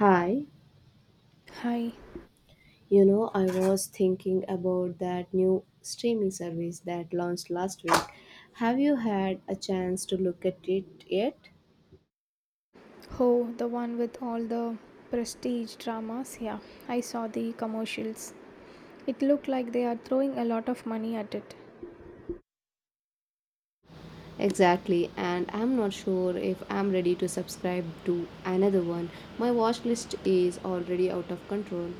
Hi, Hi. I was thinking about that new streaming service that launched last week. Have you had a chance to look at it yet? Oh, the one with all the prestige dramas? Yeah, I saw the commercials. It looked like they are throwing a lot of money at it. Exactly, and I'm not sure if I'm ready to subscribe to another one. My watch list is already out of control.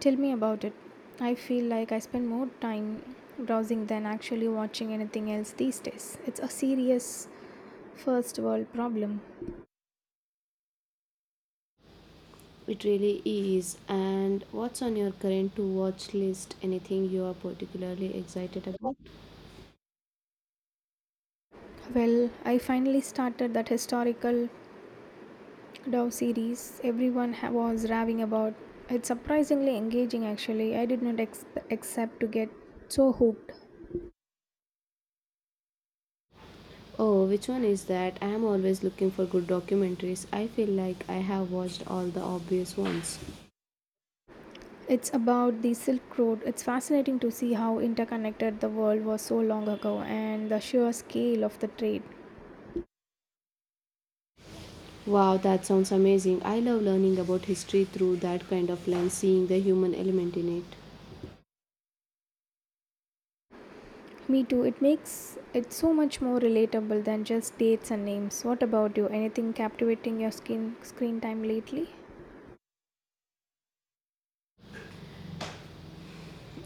Tell me about it. I feel like I spend more time browsing than actually watching anything else these days. It's a serious first world problem. It really is. And what's on your current to watch list? Anything you are particularly excited about? Well, I finally started that historical Dove series everyone was raving about. It's surprisingly engaging actually. I did not accept to get so hooked. Oh, which one is that? I am always looking for good documentaries. I feel like I have watched all the obvious ones. It's about the Silk Road. It's fascinating to see how interconnected the world was so long ago and the sheer scale of the trade. Wow, that sounds amazing. I love learning about history through that kind of lens, seeing the human element in it. Me too, it makes it so much more relatable than just dates and names. What about you? Anything captivating your skin screen time lately?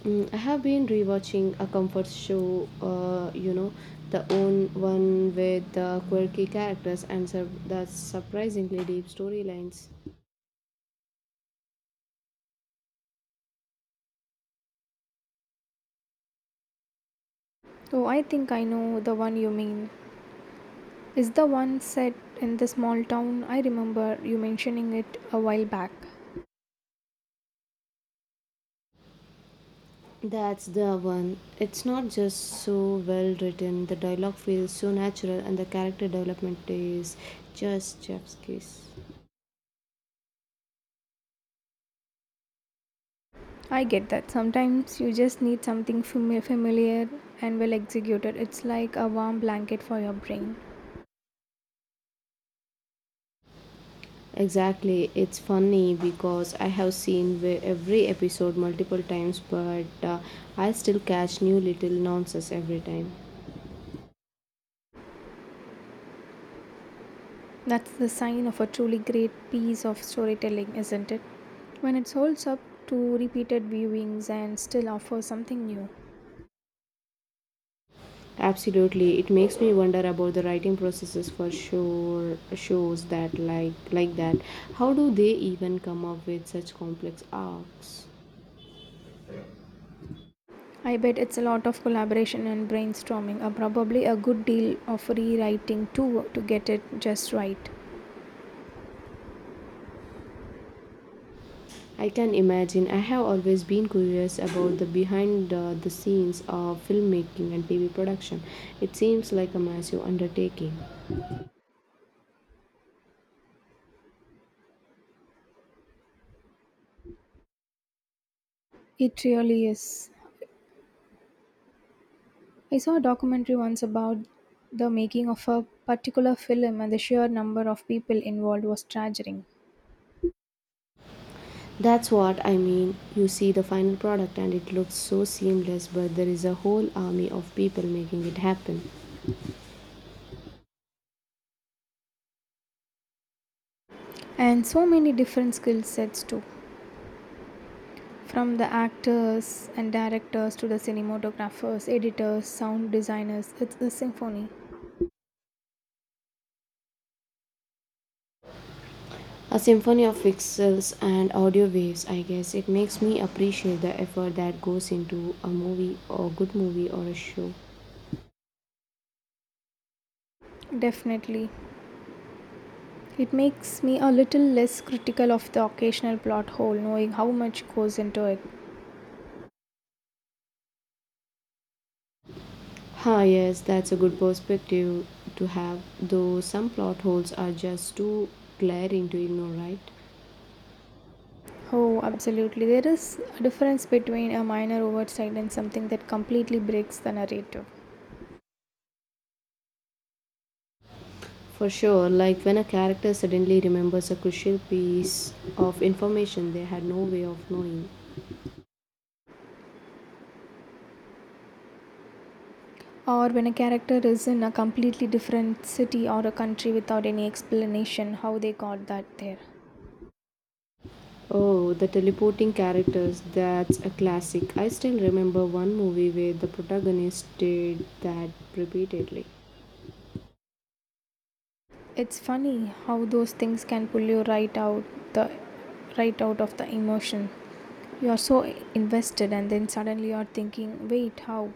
Mm, I have been rewatching a comfort show, the own one with the quirky characters and the surprisingly deep storylines. Oh, I think I know the one you mean. Is the one set in the small town? I remember you mentioning it a while back. That's the one. It's not just so well written, the dialogue feels so natural, and the character development is just chef's kiss. I get that. Sometimes you just need something familiar and well executed. It's like a warm blanket for your brain. Exactly. It's funny because I have seen every episode multiple times, but I still catch new little nonsense every time. That's the sign of a truly great piece of storytelling, isn't it? When it holds up to repeated viewings and still offers something new. Absolutely. It makes me wonder about the writing processes for sure shows that like that. How do they even come up with such complex arcs? I bet it's a lot of collaboration and brainstorming, or probably a good deal of rewriting too to get it just right. I can imagine. I have always been curious about the behind the scenes of filmmaking and TV production. It seems like a massive undertaking. It really is. I saw a documentary once about the making of a particular film, and the sheer number of people involved was staggering. That's what I mean. You see the final product and it looks so seamless, but there is a whole army of people making it happen. And so many different skill sets, too, from the actors and directors to the cinematographers, editors, sound designers. It's a symphony. A symphony of pixels and audio waves, I guess. It makes me appreciate the effort that goes into a movie or good movie or a show. Definitely. It makes me a little less critical of the occasional plot hole, knowing how much goes into it. Ah, yes, that's a good perspective to have, though some plot holes are just too glaring to ignore, right? Oh, absolutely. There is a difference between a minor oversight and something that completely breaks the narrative. For sure, like when a character suddenly remembers a crucial piece of information they had no way of knowing. Or when a character is in a completely different city or a country without any explanation how they got that there. Oh, the teleporting characters, that's a classic. I still remember one movie where the protagonist did that repeatedly. It's funny how those things can pull you the right out of the emotion. You are so invested and then suddenly you are thinking, "Wait, how?"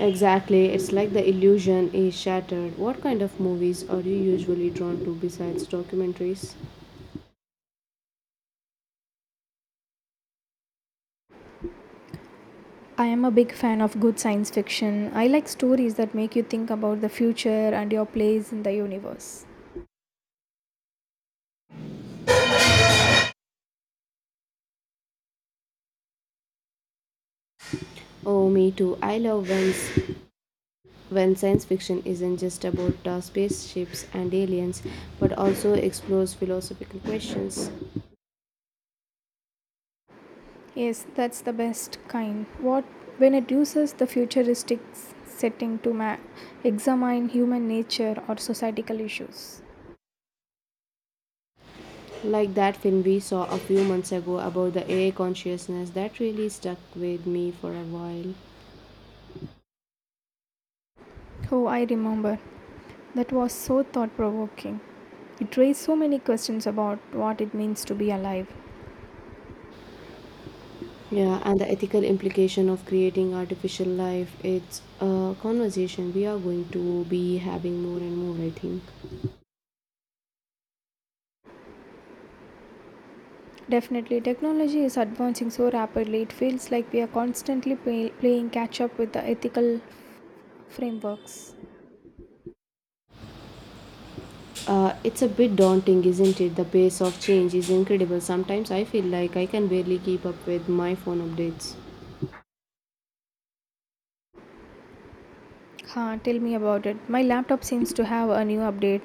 Exactly, it's like the illusion is shattered. What kind of movies are you usually drawn to besides documentaries? I am a big fan of good science fiction. I like stories that make you think about the future and your place in the universe. Oh, me too. I love when science fiction isn't just about spaceships and aliens, but also explores philosophical questions. Yes, that's the best kind. What when it uses the futuristic setting to examine human nature or societal issues. Like that film we saw a few months ago about the AI consciousness that really stuck with me for a while. Oh, I remember. That was so thought provoking. It raised so many questions about what it means to be alive. Yeah, and the ethical implication of creating artificial life. It's a conversation we are going to be having more and more, I think. Definitely, technology is advancing so rapidly, it feels like we are constantly playing catch up with the ethical frameworks. It's a bit daunting, isn't it? The pace of change is incredible. Sometimes I feel like I can barely keep up with my phone updates. Huh, tell me about it. My laptop seems to have a new update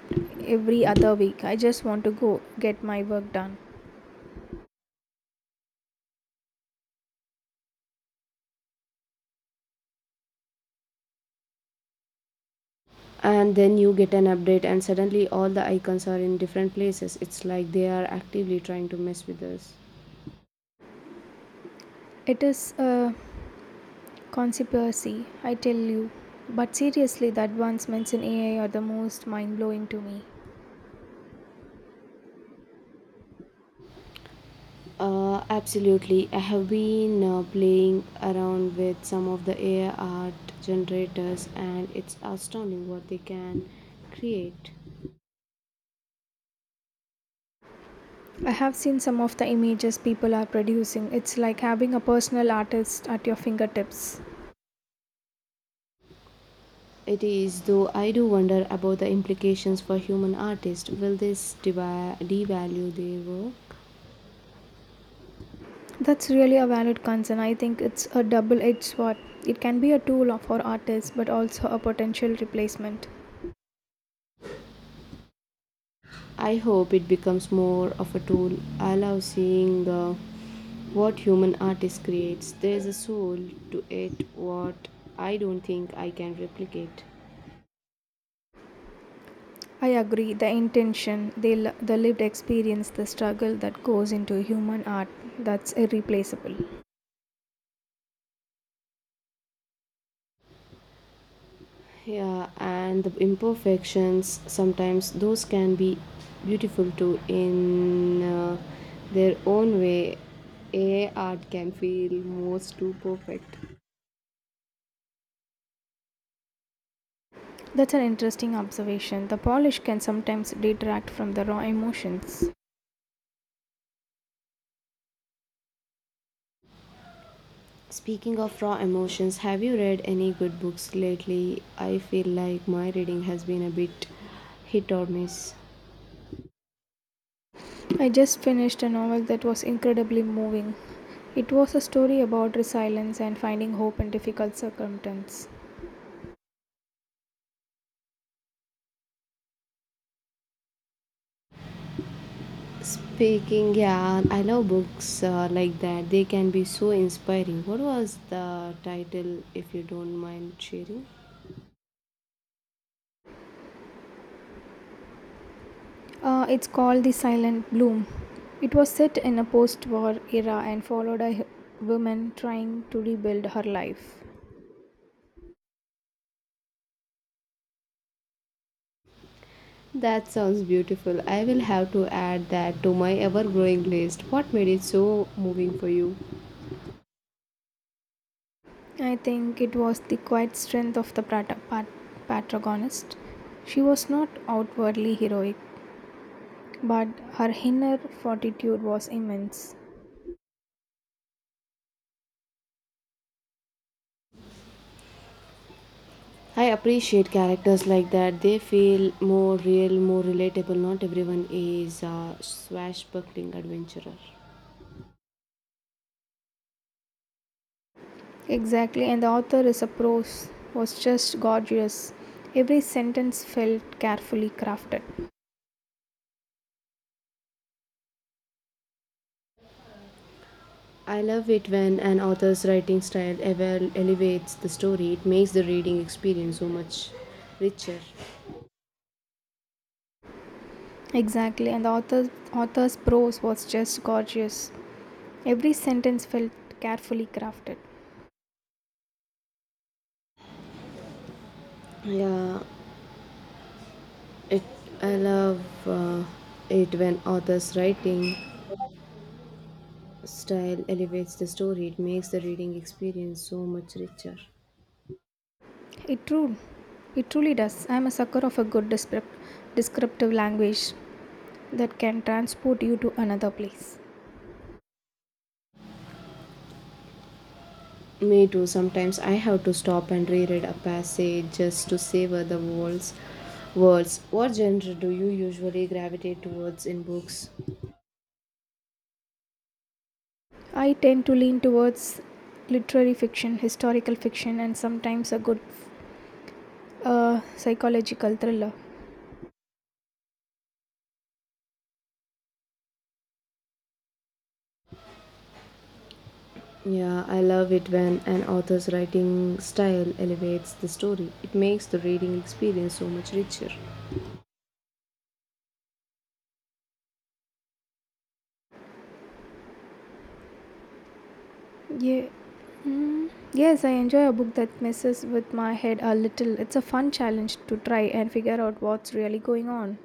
every other week. I just want to go get my work done. And then you get an update, and suddenly all the icons are in different places. It's like they are actively trying to mess with us. It is a conspiracy, I tell you. But seriously, the advancements in AI are the most mind blowing to me. Absolutely. I have been playing around with some of the AI art generators, and it's astounding what they can create. I have seen some of the images people are producing. It's like having a personal artist at your fingertips. It is, though I do wonder about the implications for human artists. Will this devalue their work? That's really a valid concern. I think it's a double edged sword. It can be a tool for artists, but also a potential replacement. I hope it becomes more of a tool. I love seeing what human artist creates. There's a soul to it, what I don't think I can replicate. I agree, the intention, the lived experience, the struggle that goes into human art, that's irreplaceable. Yeah, and the imperfections sometimes those can be beautiful too in their own way. A art can feel most too perfect. That's an interesting observation. The polish can sometimes detract from the raw emotions. Speaking of raw emotions, have you read any good books lately? I feel like my reading has been a bit hit or miss. I just finished a novel that was incredibly moving. It was a story about resilience and finding hope in difficult circumstances. Speaking, yeah, I love books like that. They can be so inspiring. What was the title, if you don't mind sharing? It's called The Silent Bloom. It was set in a post war era and followed a woman trying to rebuild her life. That sounds beautiful. I will have to add that to my ever growing list. What made it so moving for you? I think it was the quiet strength of the protagonist. She was not outwardly heroic, but her inner fortitude was immense. I appreciate characters like that. They feel more real, more relatable. Not everyone is a swashbuckling adventurer. Exactly, and the author's prose was just gorgeous. Every sentence felt carefully crafted. I love it when an author's writing style ever elevates the story. It makes the reading experience so much richer. Exactly, and the author's prose was just gorgeous. Every sentence felt carefully crafted. Yeah, it. I love uh, it when authors' writing style elevates the story. It makes the reading experience so much richer. It true, it truly does. I am a sucker of a good descriptive language that can transport you to another place. Me too. Sometimes I have to stop and reread a passage just to savor the words. What genre do you usually gravitate towards in books? I tend to lean towards literary fiction, historical fiction, and sometimes a good psychological thriller. Yeah, I love it when an author's writing style elevates the story. It makes the reading experience so much richer. Yeah. mm, Yes, I enjoy a book that messes with my head a little. It's a fun challenge to try and figure out what's really going on.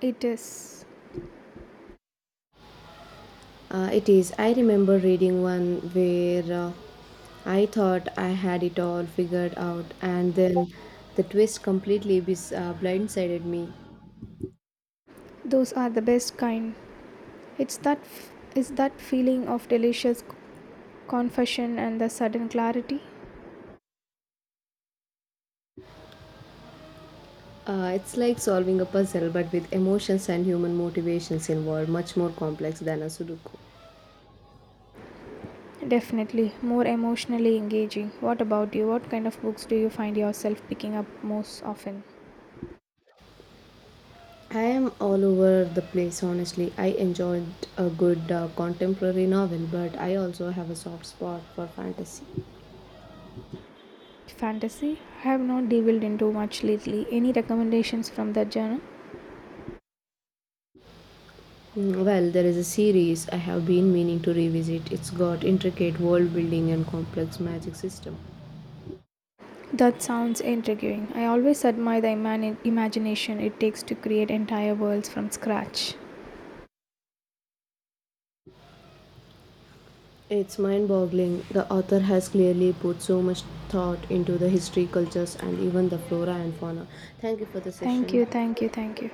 It is. It is. I remember reading one where I thought I had it all figured out, and then the twist completely blindsided me. Those are the best kind. It's that f- is that feeling of delicious confession and the sudden clarity. It's like solving a puzzle, but with emotions and human motivations involved, much more complex than a Sudoku. Definitely more emotionally engaging. What about you? What kind of books do you find yourself picking up most often? I am all over the place, honestly. I enjoyed a good contemporary novel, but I also have a soft spot for fantasy. Fantasy? I have not delved into much lately. Any recommendations from that genre? Mm, well, there is a series I have been meaning to revisit. It's got intricate world building and complex magic system. That sounds intriguing. I always admire the imagination it takes to create entire worlds from scratch. It's mind boggling. The author has clearly put so much thought into the history, cultures, and even the flora and fauna. Thank you for the Thank session. you, thank you, thank you.